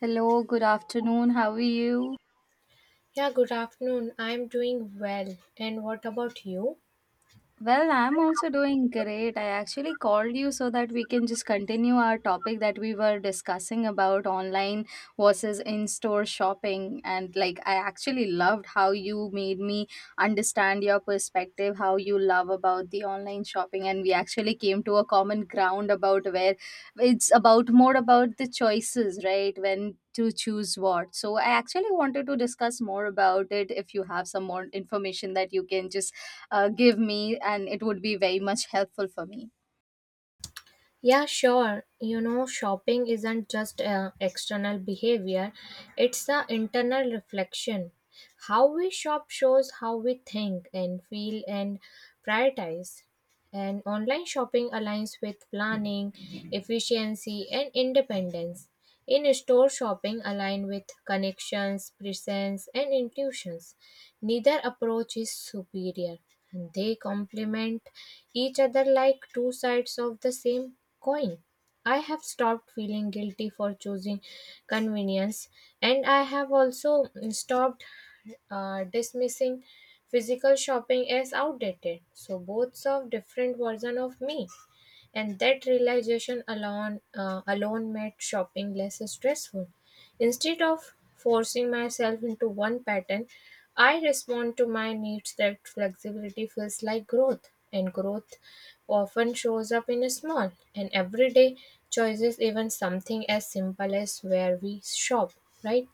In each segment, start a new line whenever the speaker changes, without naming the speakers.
Hello, good afternoon. How are you?
Yeah, good afternoon. I'm doing well. And what about you?
Well, I'm also doing great. I actually called you so that we can just continue our topic that we were discussing about online versus in store shopping. And like, I actually loved how you made me understand your perspective, how you love about the online shopping. And we actually came to a common ground about where it's about more about the choices, right? When to choose what. So, I actually wanted to discuss more about it if you have some more information that you can just give me, and it would be very much helpful for me.
Yeah, sure. You know, shopping isn't just external behavior, it's an internal reflection. How we shop shows how we think and feel and prioritize. And online shopping aligns with planning, efficiency, and independence. In store shopping align with connections, presence, and intuitions. Neither approach is superior, and they complement each other like two sides of the same coin. I have stopped feeling guilty for choosing convenience, and I have also stopped dismissing physical shopping as outdated. So, both serve different version of me, and that realization alone made shopping less stressful. Instead of forcing myself into one pattern, I respond to my needs that flexibility feels like growth, and growth often shows up in small and everyday choices, even something as simple as where we shop, right?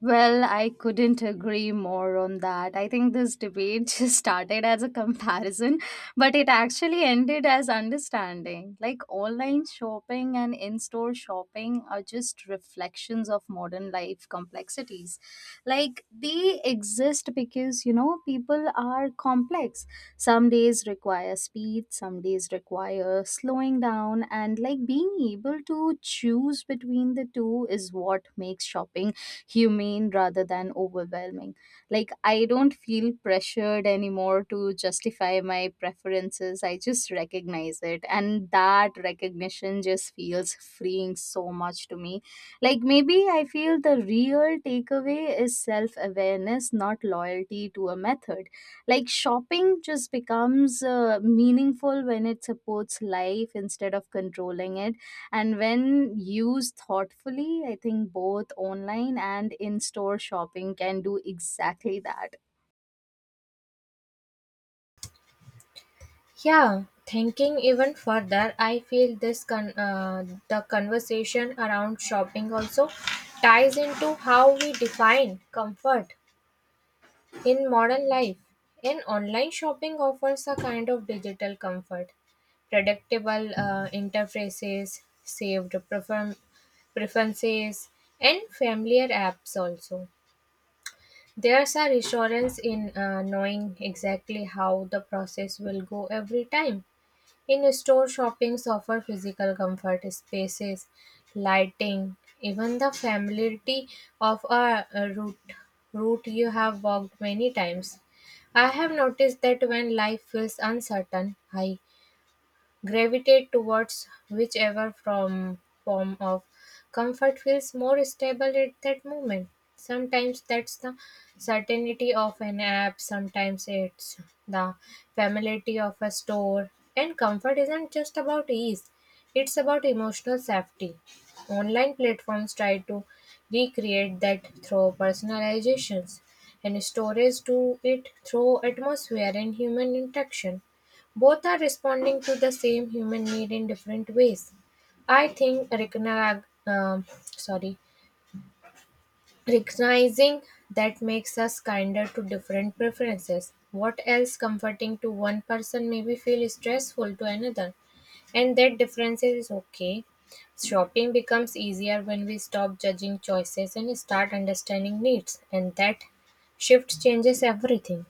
Well, I couldn't agree more on that. I think this debate just started as a comparison, but it actually ended as understanding. Like online shopping and in store shopping are just reflections of modern life complexities. Like they exist because, you know, people are complex. Some days require speed, some days require slowing down, and like being able to choose between the two is what makes shopping humane rather than overwhelming. Like, I don't feel pressured anymore to justify my preferences. I just recognize it. And that recognition just feels freeing so much to me. Like, maybe I feel the real takeaway is self awareness, not loyalty to a method. Like, shopping just becomes meaningful when it supports life instead of controlling it, and when used thoughtfully, I think both online and in store shopping can do exactly that.
Yeah, thinking even further, I feel the conversation around shopping also ties into how we define comfort. In modern life, an online shopping offers a kind of digital comfort, predictable interfaces, saved preferences, and familiar apps also. There's a reassurance in knowing exactly how the process will go every time. In store shoppings offer physical comfort, spaces, lighting, even the familiarity of a route you have walked many times. I have noticed that when life feels uncertain, I gravitate towards whichever from form of comfort feels more stable at that moment. Sometimes that's the certainty of an app, sometimes it's the familiarity of a store. And comfort isn't just about ease, it's about emotional safety. Online platforms try to recreate that through personalizations, and stories do it through atmosphere and human interaction. Both are responding to the same human need in different ways. I think recognizing that makes us kinder to different preferences. What else comforting to one person may be feel stressful to another, and that difference is okay. Shopping becomes easier when we stop judging choices and start understanding needs, and that shift changes everything.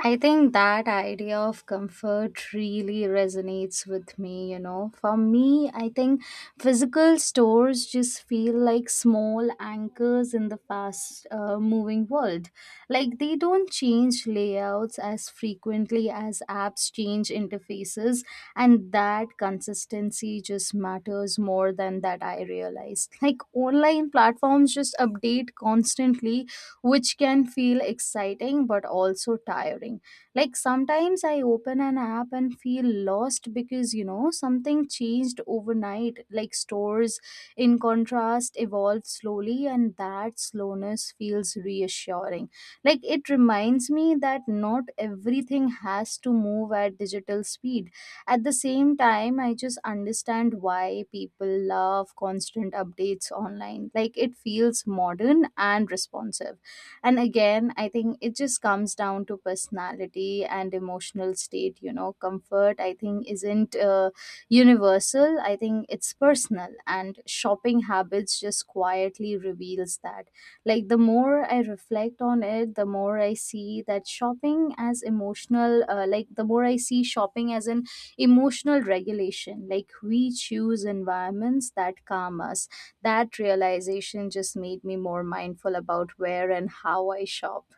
I think that idea of comfort really resonates with me, you know. For me, I think physical stores just feel like small anchors in the fast moving world. Like they don't change layouts as frequently as apps change interfaces, and that consistency just matters more than that I realized. Like online platforms just update constantly, which can feel exciting but also tiring. Like sometimes I open an app and feel lost because you know something changed overnight. Like stores, in contrast, evolve slowly, and that slowness feels reassuring. Like it reminds me that not everything has to move at digital speed. At the same time, I just understand why people love constant updates online. Like it feels modern and responsive, and again I think it just comes down to personality and emotional state, you know. Comfort, I think, isn't universal. I think it's personal, and shopping habits just quietly reveals that. Like the more I reflect on it, the more I see that shopping as emotional, like the more I see shopping as an emotional regulation. Like we choose environments that calm us. That realization just made me more mindful about where and how I shop.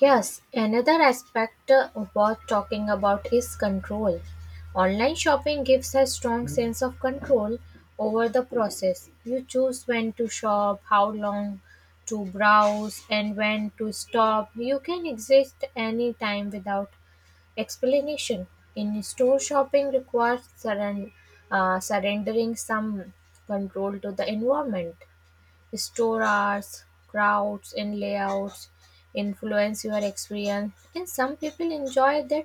Yes, another aspect worth talking about is control. Online shopping gives a strong sense of control over the process. You choose when to shop, how long to browse, and when to stop. You can exist any time without explanation. In store shopping requires surrendering some control to the environment. Store hours, crowds, and layouts influence your experience, and some people enjoy that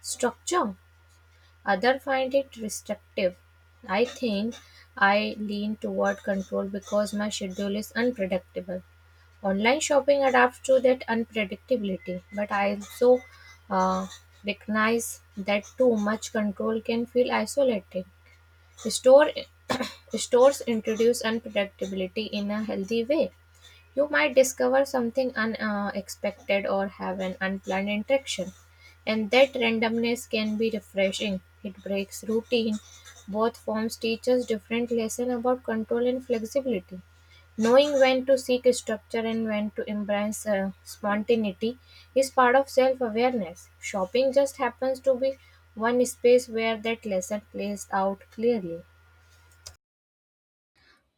structure, others find it restrictive. I think I lean toward control because my schedule is unpredictable. Online shopping adapts to that unpredictability, but I also uh, recognize that too much control can feel isolating. Store stores introduce unpredictability in a healthy way. You might discover something unexpected or have an unplanned interaction, and that randomness can be refreshing. It breaks routine. Both forms teach us different lessons about control and flexibility. Knowing when to seek structure and when to embrace spontaneity is part of self awareness. Shopping just happens to be one space where that lesson plays out clearly.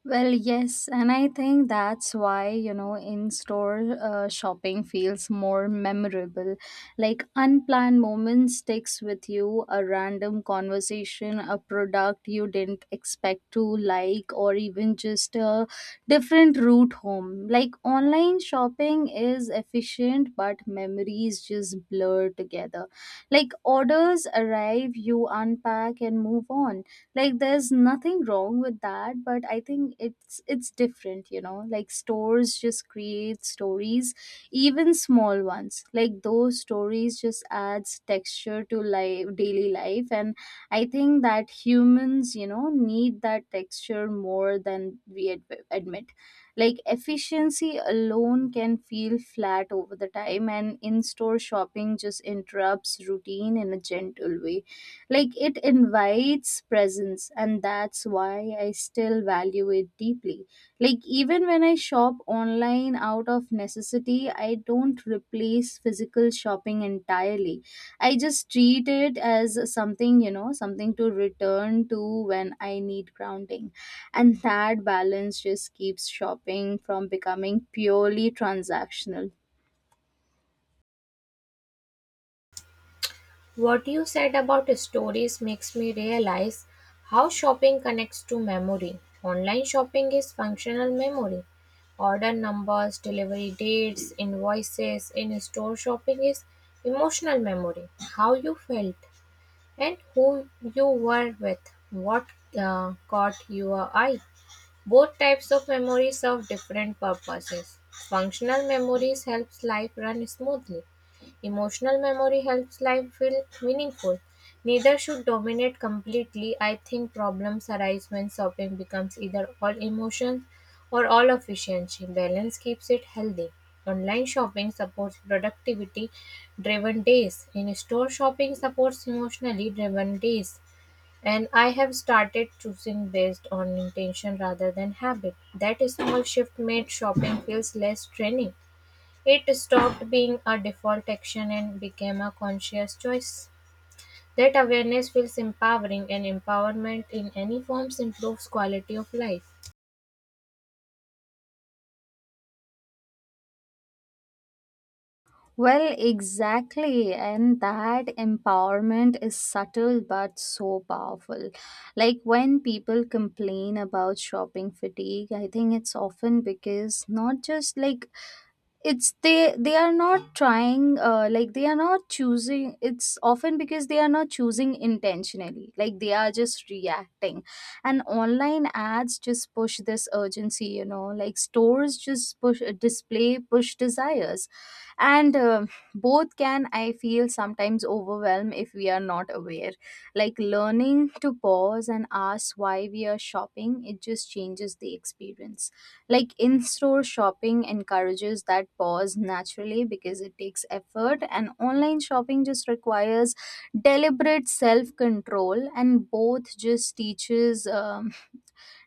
Well, yes, and I think that's why, you know, in store shopping feels more memorable. Like unplanned moments sticks with you, a random conversation, a product you didn't expect to like, or even just a different route home. Like online shopping is efficient, but memories just blur together. Like orders arrive, you unpack and move on. Like there's nothing wrong with that, but I think it's different, you know. Like stores just create stories, even small ones. Like those stories just adds texture to life, daily life. And I think that humans, you know, need that texture more than we admit. Like efficiency alone can feel flat over the time, and in-store shopping just interrupts routine in a gentle way. Like it invites presence, and that's why I still value it deeply. Like, even when I shop online out of necessity, I don't replace physical shopping entirely. I just treat it as something, you know, something to return to when I need grounding. And that balance just keeps shopping from becoming purely transactional.
What you said about stories makes me realize how shopping connects to memory. Online shopping is functional memory. Order numbers, delivery dates, invoices. In store shopping is emotional memory. How you felt and who you were with. What caught your eye. Both types of memory serve different purposes. Functional memories helps life run smoothly. Emotional memory helps life feel meaningful. Neither should dominate completely. I think problems arise when shopping becomes either all emotions or all efficiency. Balance keeps it healthy. Online shopping supports productivity driven days. In store shopping supports emotionally driven days. And I have started choosing based on intention rather than habit. That small shift made shopping feels less draining. It stopped being a default action and became a conscious choice. That awareness feels empowering, and empowerment in any forms improves quality of life.
Well, exactly. And that empowerment is subtle but so powerful. Like when people complain about shopping fatigue, I think it's often because not just like it's they are not trying, like they are not choosing. It's often because they are not choosing intentionally. Like they are just reacting, and online ads just push this urgency, you know. Like stores just push, display push desires. And both can, I feel, sometimes overwhelm if we are not aware. Like learning to pause and ask why we are shopping, it just changes the experience. Like in-store shopping encourages that pause naturally because it takes effort, and online shopping just requires deliberate self-control, and both just teaches, um,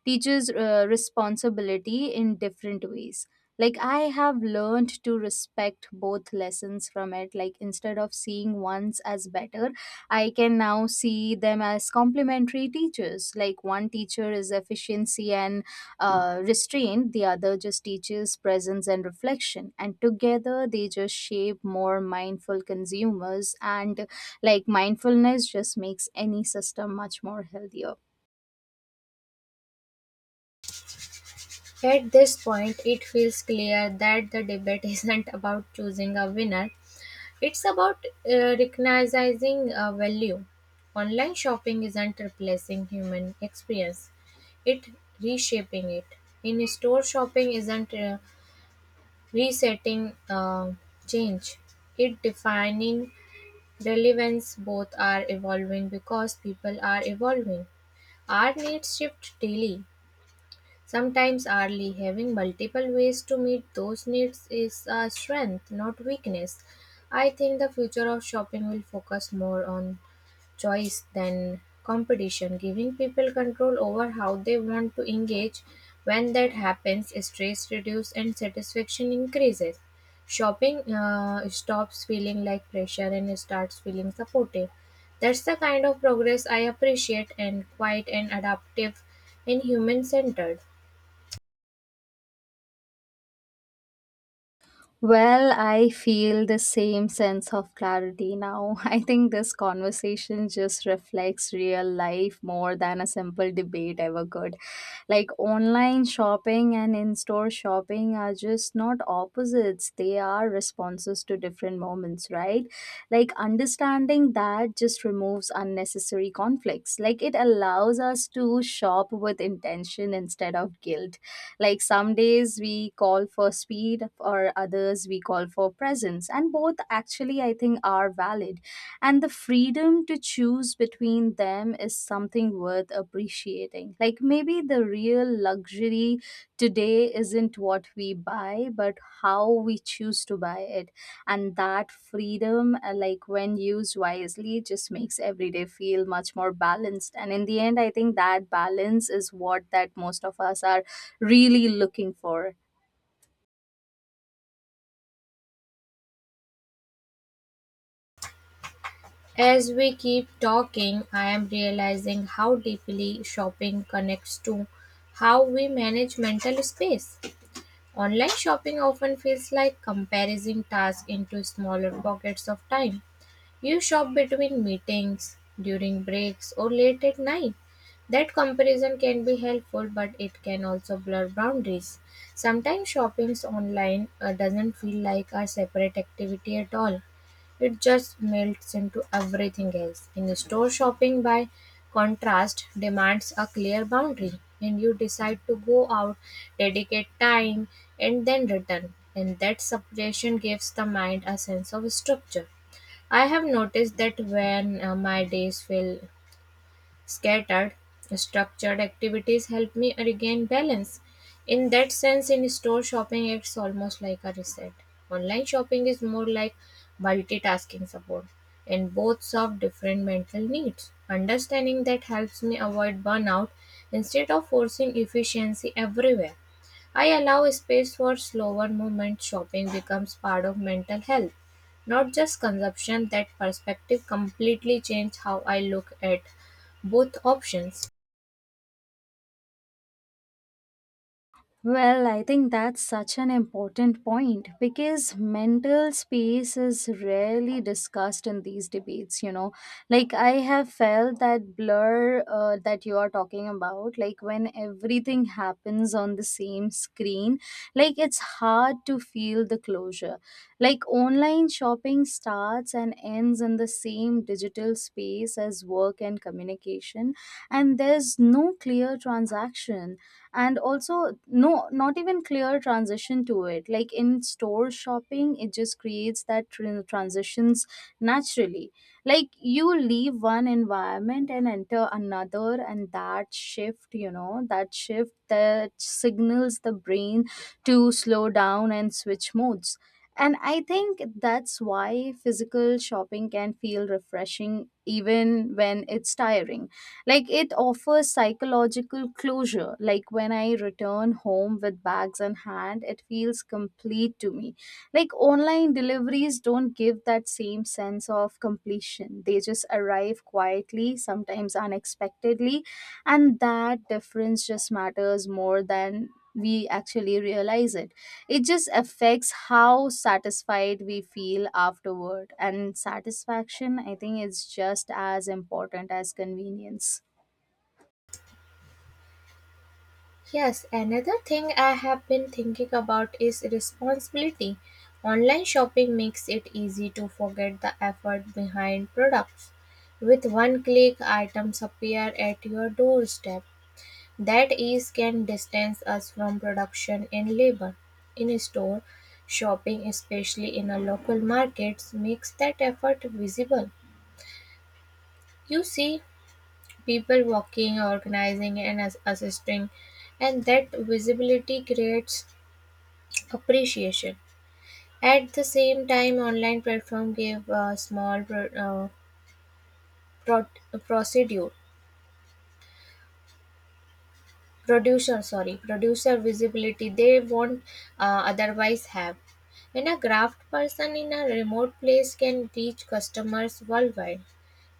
teaches uh, responsibility in different ways. Like I have learned to respect both lessons from it. Like instead of seeing ones as better, I can now see them as complementary teachers. Like one teacher is efficiency and restraint, the other just teaches presence and reflection, and together they just shape more mindful consumers. And like mindfulness just makes any system much more healthier.
At this point, it feels clear that the debate isn't about choosing a winner, it's about recognizing a value. Online shopping isn't replacing human experience, it reshaping it. In store shopping isn't resetting change, it defining relevance. Both are evolving because people are evolving. Our needs shift daily. Sometimes early having multiple ways to meet those needs is a strength, not weakness. I think the future of shopping will focus more on choice than competition, giving people control over how they want to engage. When that happens, stress reduces and satisfaction increases. Shopping stops feeling like pressure and starts feeling supportive. That's the kind of progress I appreciate and quiet and adaptive and human centered.
Well, I feel the same sense of clarity now. I think this conversation just reflects real life more than a simple debate ever could. Like online shopping and in store shopping are just not opposites, they are responses to different moments, right? Like understanding that just removes unnecessary conflicts. Like it allows us to shop with intention instead of guilt. Like some days we call for speed, or others we call for presence, and both actually I think are valid. And the freedom to choose between them is something worth appreciating. Like maybe the real luxury today isn't what we buy, but how we choose to buy it. And that freedom, like when used wisely, just makes every day feel much more balanced, and in the end I think that balance is what that most of us are really looking for.
As we keep talking, I am realizing how deeply shopping connects to how we manage mental space. Online shopping often feels like compressing tasks into smaller pockets of time, you shop between meetings, during breaks, or late at night. That comparison can be helpful, but it can also blur boundaries. Sometimes shopping online doesn't feel like a separate activity at all. It just melts into everything else. In store shopping, by contrast, demands a clear boundary, and you decide to go out, dedicate time, and then return. And that separation gives the mind a sense of structure. I have noticed that when my days feel scattered, structured activities help me regain balance. In that sense, in store shopping, it's almost like a reset. Online shopping is more like multitasking support, and both serve different mental needs. Understanding that helps me avoid burnout instead of forcing efficiency everywhere. I allow space for slower movement. Shopping becomes part of mental health, not just consumption. That perspective completely changed how I look at both options.
Well, I think that's such an important point because mental space is rarely discussed in these debates, you know. Like, I have felt that blur that you are talking about, like, when everything happens on the same screen, like, it's hard to feel the closure. Like, online shopping starts and ends in the same digital space as work and communication, and there's no clear transaction, and also no, not even clear transition to it. Like in store shopping it just creates that transitions naturally. Like you leave one environment and enter another, and that shift, you know, that shift that signals the brain to slow down and switch modes. And I think that's why physical shopping can feel refreshing even when it's tiring. Like it offers psychological closure. Like when I return home with bags in hand, it feels complete to me. Like online deliveries don't give that same sense of completion. They just arrive quietly, sometimes unexpectedly, and that difference just matters more than we actually realize it. It just affects how satisfied we feel afterward, and satisfaction I think is just as important as convenience.
Yes, another thing I have been thinking about is responsibility. Online shopping makes it easy to forget the effort behind products. With one click, items appear at your doorstep. That ease can distance us from production and labor. In store shopping, especially in a local markets, makes that effort visible. You see people walking, organizing, and assisting, and that visibility creates appreciation. At the same time, online platform give a small pro- pro- procedure producer sorry producer visibility they won't otherwise have. And a craft person in a remote place can reach customers worldwide.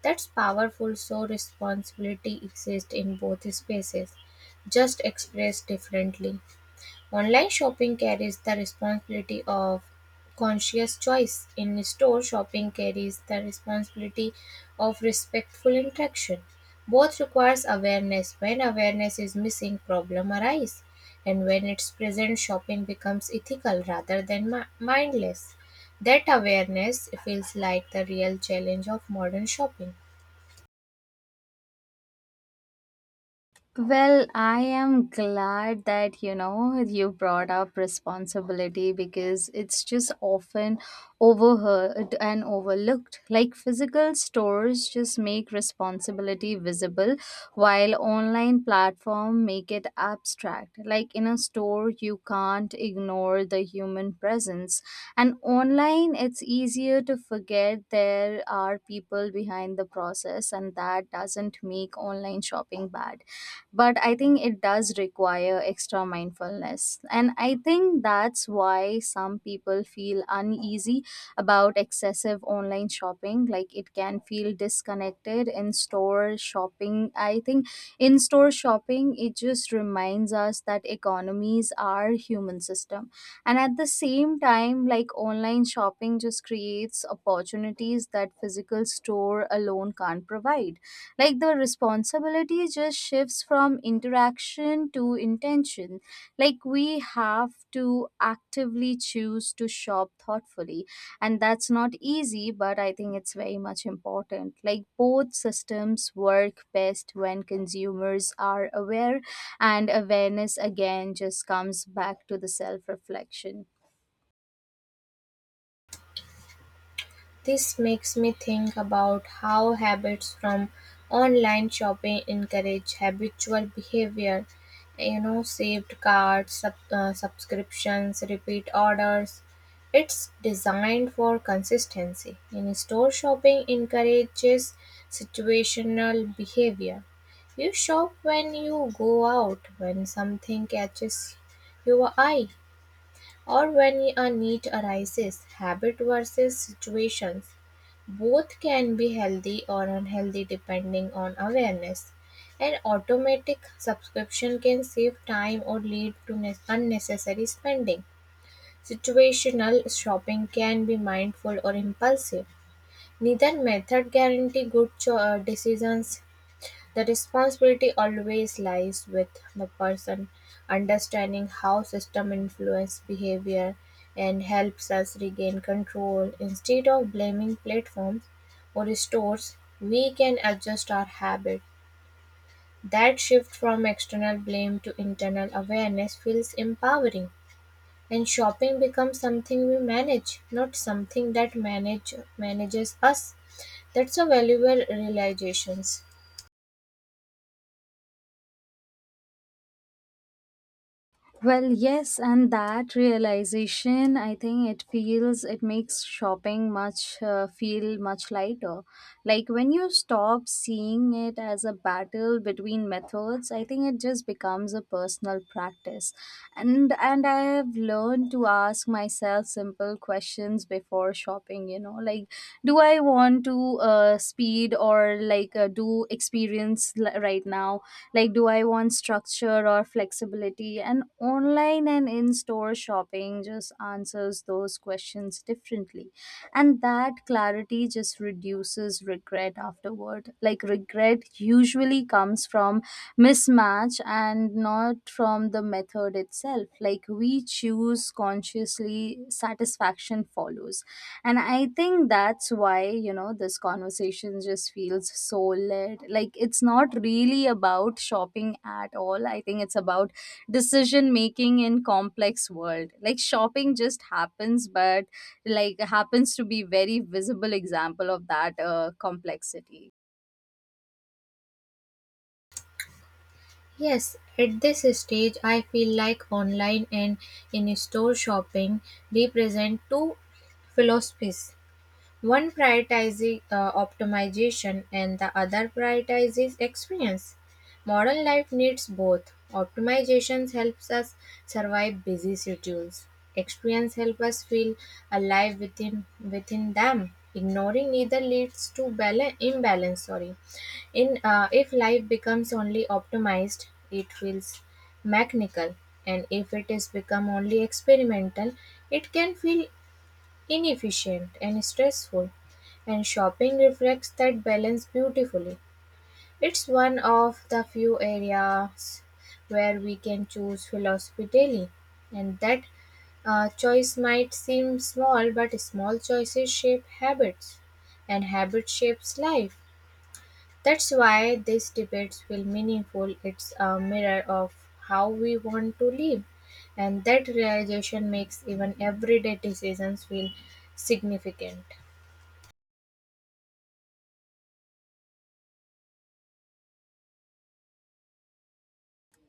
That's powerful, so responsibility exists in both spaces, just expressed differently. Online shopping carries the responsibility of conscious choice. In store shopping carries the responsibility of respectful interaction. Both requires awareness. When awareness is missing, problem arise. And when it's present, shopping becomes ethical rather than mindless. That awareness feels like the real challenge of modern shopping.
Well, I am glad that you know you brought up responsibility because it's just often overheard and overlooked. Like physical stores just make responsibility visible, while online platform make it abstract. Like in a store you can't ignore the human presence, and online it's easier to forget there are people behind the process. And that doesn't make online shopping bad, but I think it does require extra mindfulness. And I think that's why some people feel uneasy about excessive online shopping. Like it can feel disconnected. In store shopping i think in store shopping it just reminds us that economies are human system. And at the same time, like online shopping just creates opportunities that physical store alone can't provide. Like the responsibility just shifts from interaction to intention. Like we have to actively choose to shop thoughtfully. And that's not easy, but I think it's very much important. Like both systems work best when consumers are aware, and awareness again just comes back to the self reflection.
This makes me think about how habits from online shopping encourage habitual behavior, you know, saved cards, subscriptions, repeat orders. It's designed for consistency. In store shopping encourages situational behavior. You shop when you go out, when something catches your eye, or when a need arises, habit versus situations. Both can be healthy or unhealthy depending on awareness. An automatic subscription can save time or lead to unnecessary spending. Situational shopping can be mindful or impulsive. Neither method guarantee good decisions, the responsibility always lies with the person, understanding how system influence behavior and helps us regain control. Instead of blaming platforms or stores, we can adjust our habit. That shift from external blame to internal awareness feels empowering. And shopping becomes something we manage, not something that manages us. That's a valuable realization.
Well, yes, and that realization, I think it feels, it makes shopping much, feel much lighter. Like when you stop seeing it as a battle between methods, I think it just becomes a personal practice. And I have learned to ask myself simple questions before shopping. You know, like do I want to, speed, or like do experience right now? Like do I want structure or flexibility? And online and in store shopping just answers those questions differently, and that clarity just reduces regret afterward. Like regret usually comes from mismatch and not from the method itself. Like we choose consciously, satisfaction follows. And I think that's why, you know, this conversation just feels so lit. Like it's not really about shopping at all. I think it's about decision making in complex world. Like shopping just happens, but like happens to be very visible example of that complexity.
Yes, at this stage, I feel like online and in store shopping represent two philosophies. One prioritizes optimization and the other prioritizes experience. Modern life needs both. Optimization helps us survive busy schedules. Experience helps us feel alive within them. Ignoring either leads to balance, imbalance. Sorry, in if life becomes only optimized, it feels mechanical, and if it is become only experimental, it can feel inefficient, and stressful, and shopping reflects that balance beautifully. It's one of the few areas where we can choose philosophy daily, and that choice might seem small, but small choices shape habits, and habit shapes life. That's why these debates feel meaningful. It's a mirror of how we want to live. And that realization makes even everyday decisions feel significant.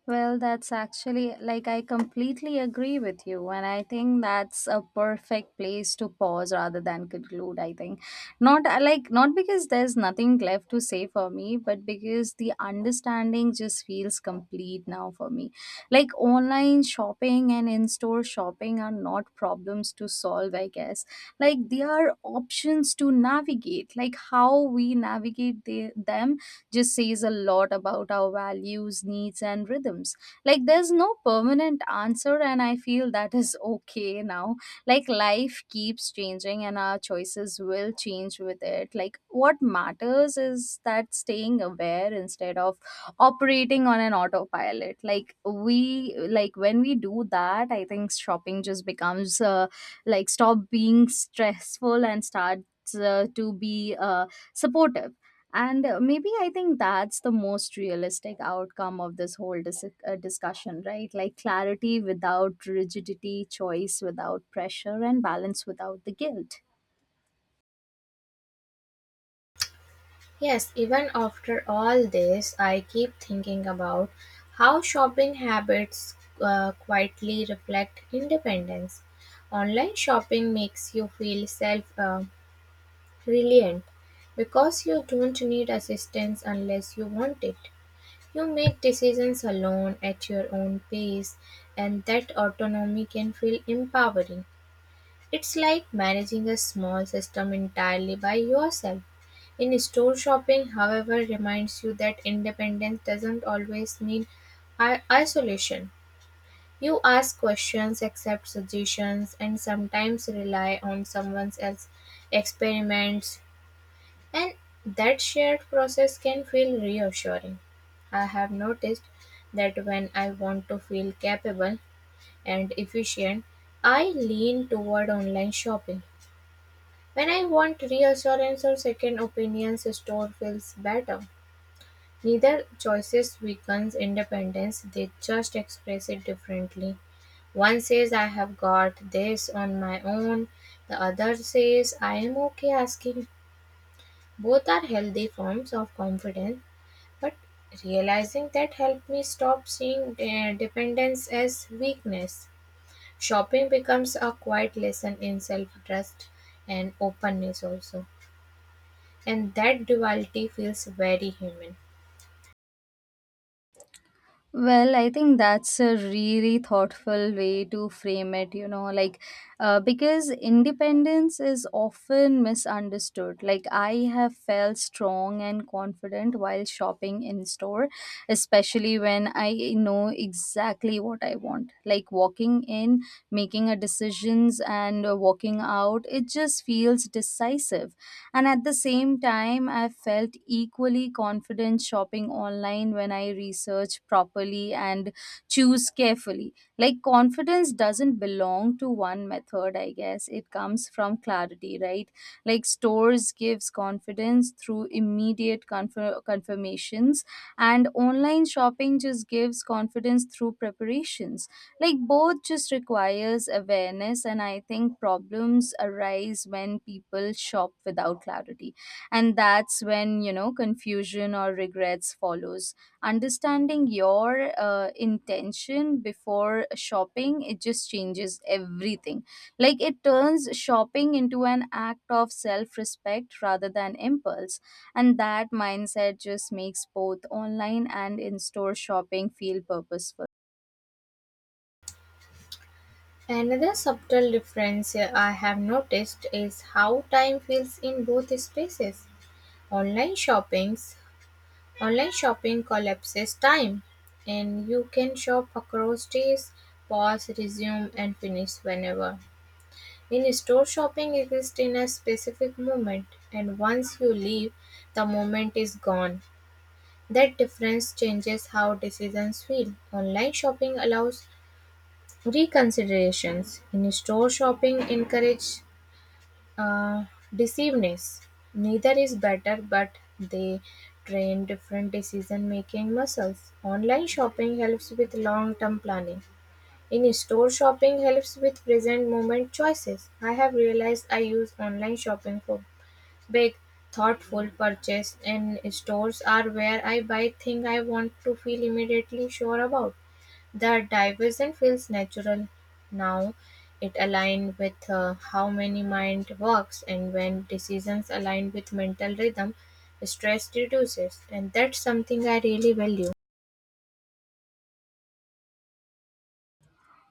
Well, that's actually like I completely agree with you, and I think that's a perfect place to pause rather than conclude. I think not, I like not because there's nothing left to say for me, but because the understanding just feels complete now for me. Like, online shopping and in store shopping are not problems to solve, I guess. Like, they are options to navigate, like how we navigate them just says a lot about our values, needs, and rhythms. Like, there's no permanent answer, and I feel that is okay now. Like, life keeps changing, and our choices will change with it. Like, what matters is that staying aware instead of operating on an autopilot. Like, we, like, when we do that, I think shopping just becomes like stop being stressful and starts to be uh, supportive and maybe I think that's the most realistic outcome of this whole discussion, right? Like, clarity without rigidity, choice without pressure, and balance without the guilt.
Yes, even after all this, I keep thinking about how shopping habits quietly reflect independence. Online shopping makes you feel self reliant because you don't need assistance unless you want it. You make decisions alone at your own pace, and that autonomy can feel empowering. It's like managing a small system entirely by yourself. In store shopping, however, reminds you that independence doesn't always mean isolation. You ask questions, accept suggestions, and sometimes rely on someone else's experiments and that shared process can feel reassuring. I have noticed that when I want to feel capable and efficient, I lean toward online shopping. When I want reassurance or second opinions, a store feels better. Neither choices weakens independence, they just express it differently. One says, I have got this on my own. The other says, I am okay asking. Both are healthy forms of confidence. But realizing that helped me stop seeing dependence as weakness. Shopping becomes a quiet lesson in self trust and openness, also. And that duality feels very human.
Well, I think that's a really thoughtful way to frame it, you know, like because independence is often misunderstood. Like, I have felt strong and confident while shopping in store, especially when I know exactly what I want. Like, walking in, making a decisions, and walking out, it just feels decisive. And at the same time, I felt equally confident shopping online when I research properly and choose carefully. Like, confidence doesn't belong to one method, I guess. It comes from clarity, right? Like, stores gives confidence through immediate confirmations, and online shopping just gives confidence through preparations. Like, both just requires awareness, and I think problems arise when people shop without clarity, and that's when, you know, confusion or regrets follows. Understanding your intention before shopping, it just changes everything. Like, it turns shopping into an act of self respect rather than impulse, and that mindset just makes both online and in store shopping feel purposeful.
Another subtle difference I have noticed is how time feels in both spaces. Online shoppings, online shopping collapses time, and you can shop across days, pause, resume, and finish whenever. In store shopping exists in a specific moment and once you leave the moment is gone. That difference changes how decisions feel. Online shopping allows reconsiderations. In store shopping encourages uh, deceiveness. Neither is better but they train different decision making muscles. Online shopping helps with long term planning. In-store shopping helps with present-moment choices. I have realized I use online shopping for big, thoughtful purchase, and stores are where I buy things I want to feel immediately sure about. The diversion feels natural now. It aligned with how many mind works, and when decisions align with mental rhythm, stress reduces, and that's something I really value.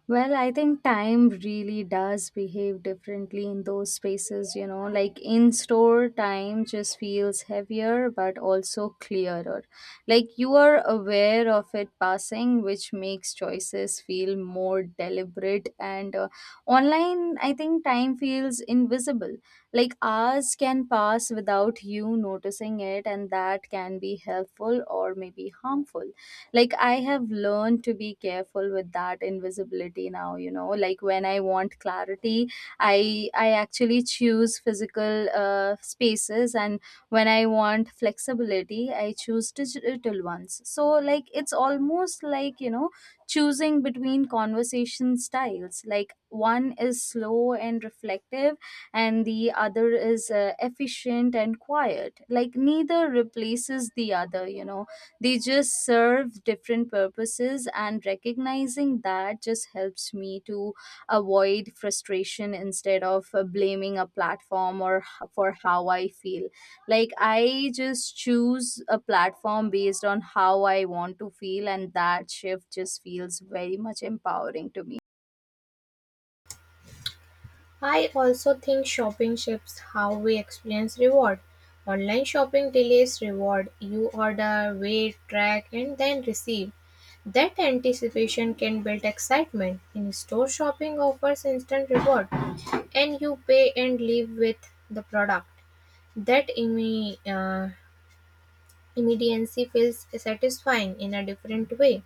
Well, I think time really does behave differently in those spaces, you know, like in store, time just feels heavier but also clearer. Like, you are aware of it passing, which makes choices feel more deliberate. And online, I think time feels invisible. Like, hours can pass without you noticing it, and that can be helpful or maybe harmful. Like, I have learned to be careful with that invisibility now, you know, like when I want clarity, I actually choose physical spaces, and when I want flexibility, I choose digital ones. So like, it's almost like, you know, choosing between conversation styles. Like, one is slow and reflective, and the other is efficient and quiet. Like, neither replaces the other, you know, they just serve different purposes, and recognizing that just helps me to avoid frustration instead of blaming a platform or for how I feel. Like, I just choose a platform based on how I want to feel, and that shift just feels very much empowering to me.
I also think shopping shapes how we experience reward. Online shopping delays reward. You order, wait, track, and then receive. That anticipation can build excitement. In store shopping offers instant reward, and you pay and leave with the product. That immediacy feels satisfying in a different way.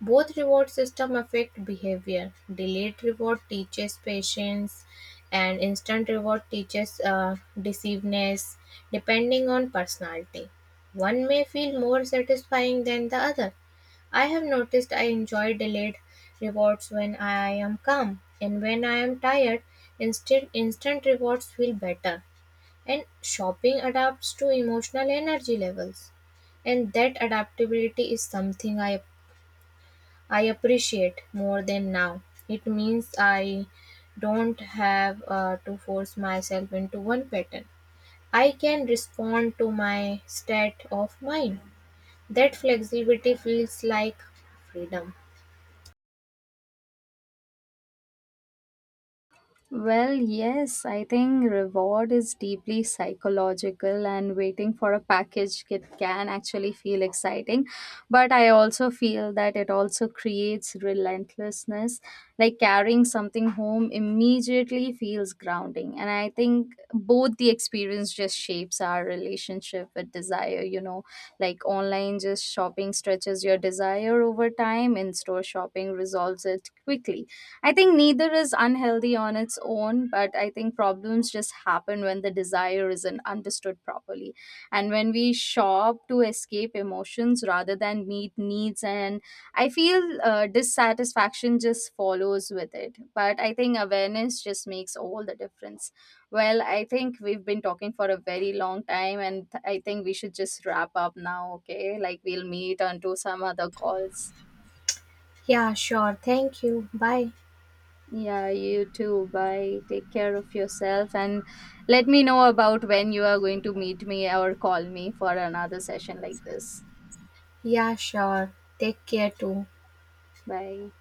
Both reward systems affect behavior: delayed reward teaches patience and instant reward teaches deceiveness, depending on personality. One may feel more satisfying than the other. I have noticed I enjoy delayed rewards when I am calm, and when I am tired, instant rewards feel better. And shopping adapts to emotional energy levels, and that adaptability is something I appreciate more than now. It means I don't have to force myself into one pattern. I can respond to my state of mind. That flexibility feels like freedom.
Well, yes, I think reward is deeply psychological, and waiting for a package, it can actually feel exciting. But I also feel that it also creates relentlessness. Like, carrying something home immediately feels grounding. And I think both the experience just shapes our relationship with desire, you know, like online just shopping stretches your desire over time, in store shopping resolves it quickly. I think neither is unhealthy on its own, but I think problems just happen when the desire isn't understood properly. And when we shop to escape emotions rather than meet needs, and I feel dissatisfaction just follows with it. But I think awareness just makes all the difference. Well, I think we've been talking for a very long time, and I think we should just wrap up now, okay? Like, we'll meet onto some other calls.
Yeah, sure. Thank you. Bye.
Yeah, you too. Bye. Take care of yourself and let me know about when you are going to meet me or call me for another session like this.
Yeah, sure. Take care too.
Bye.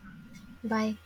Bye.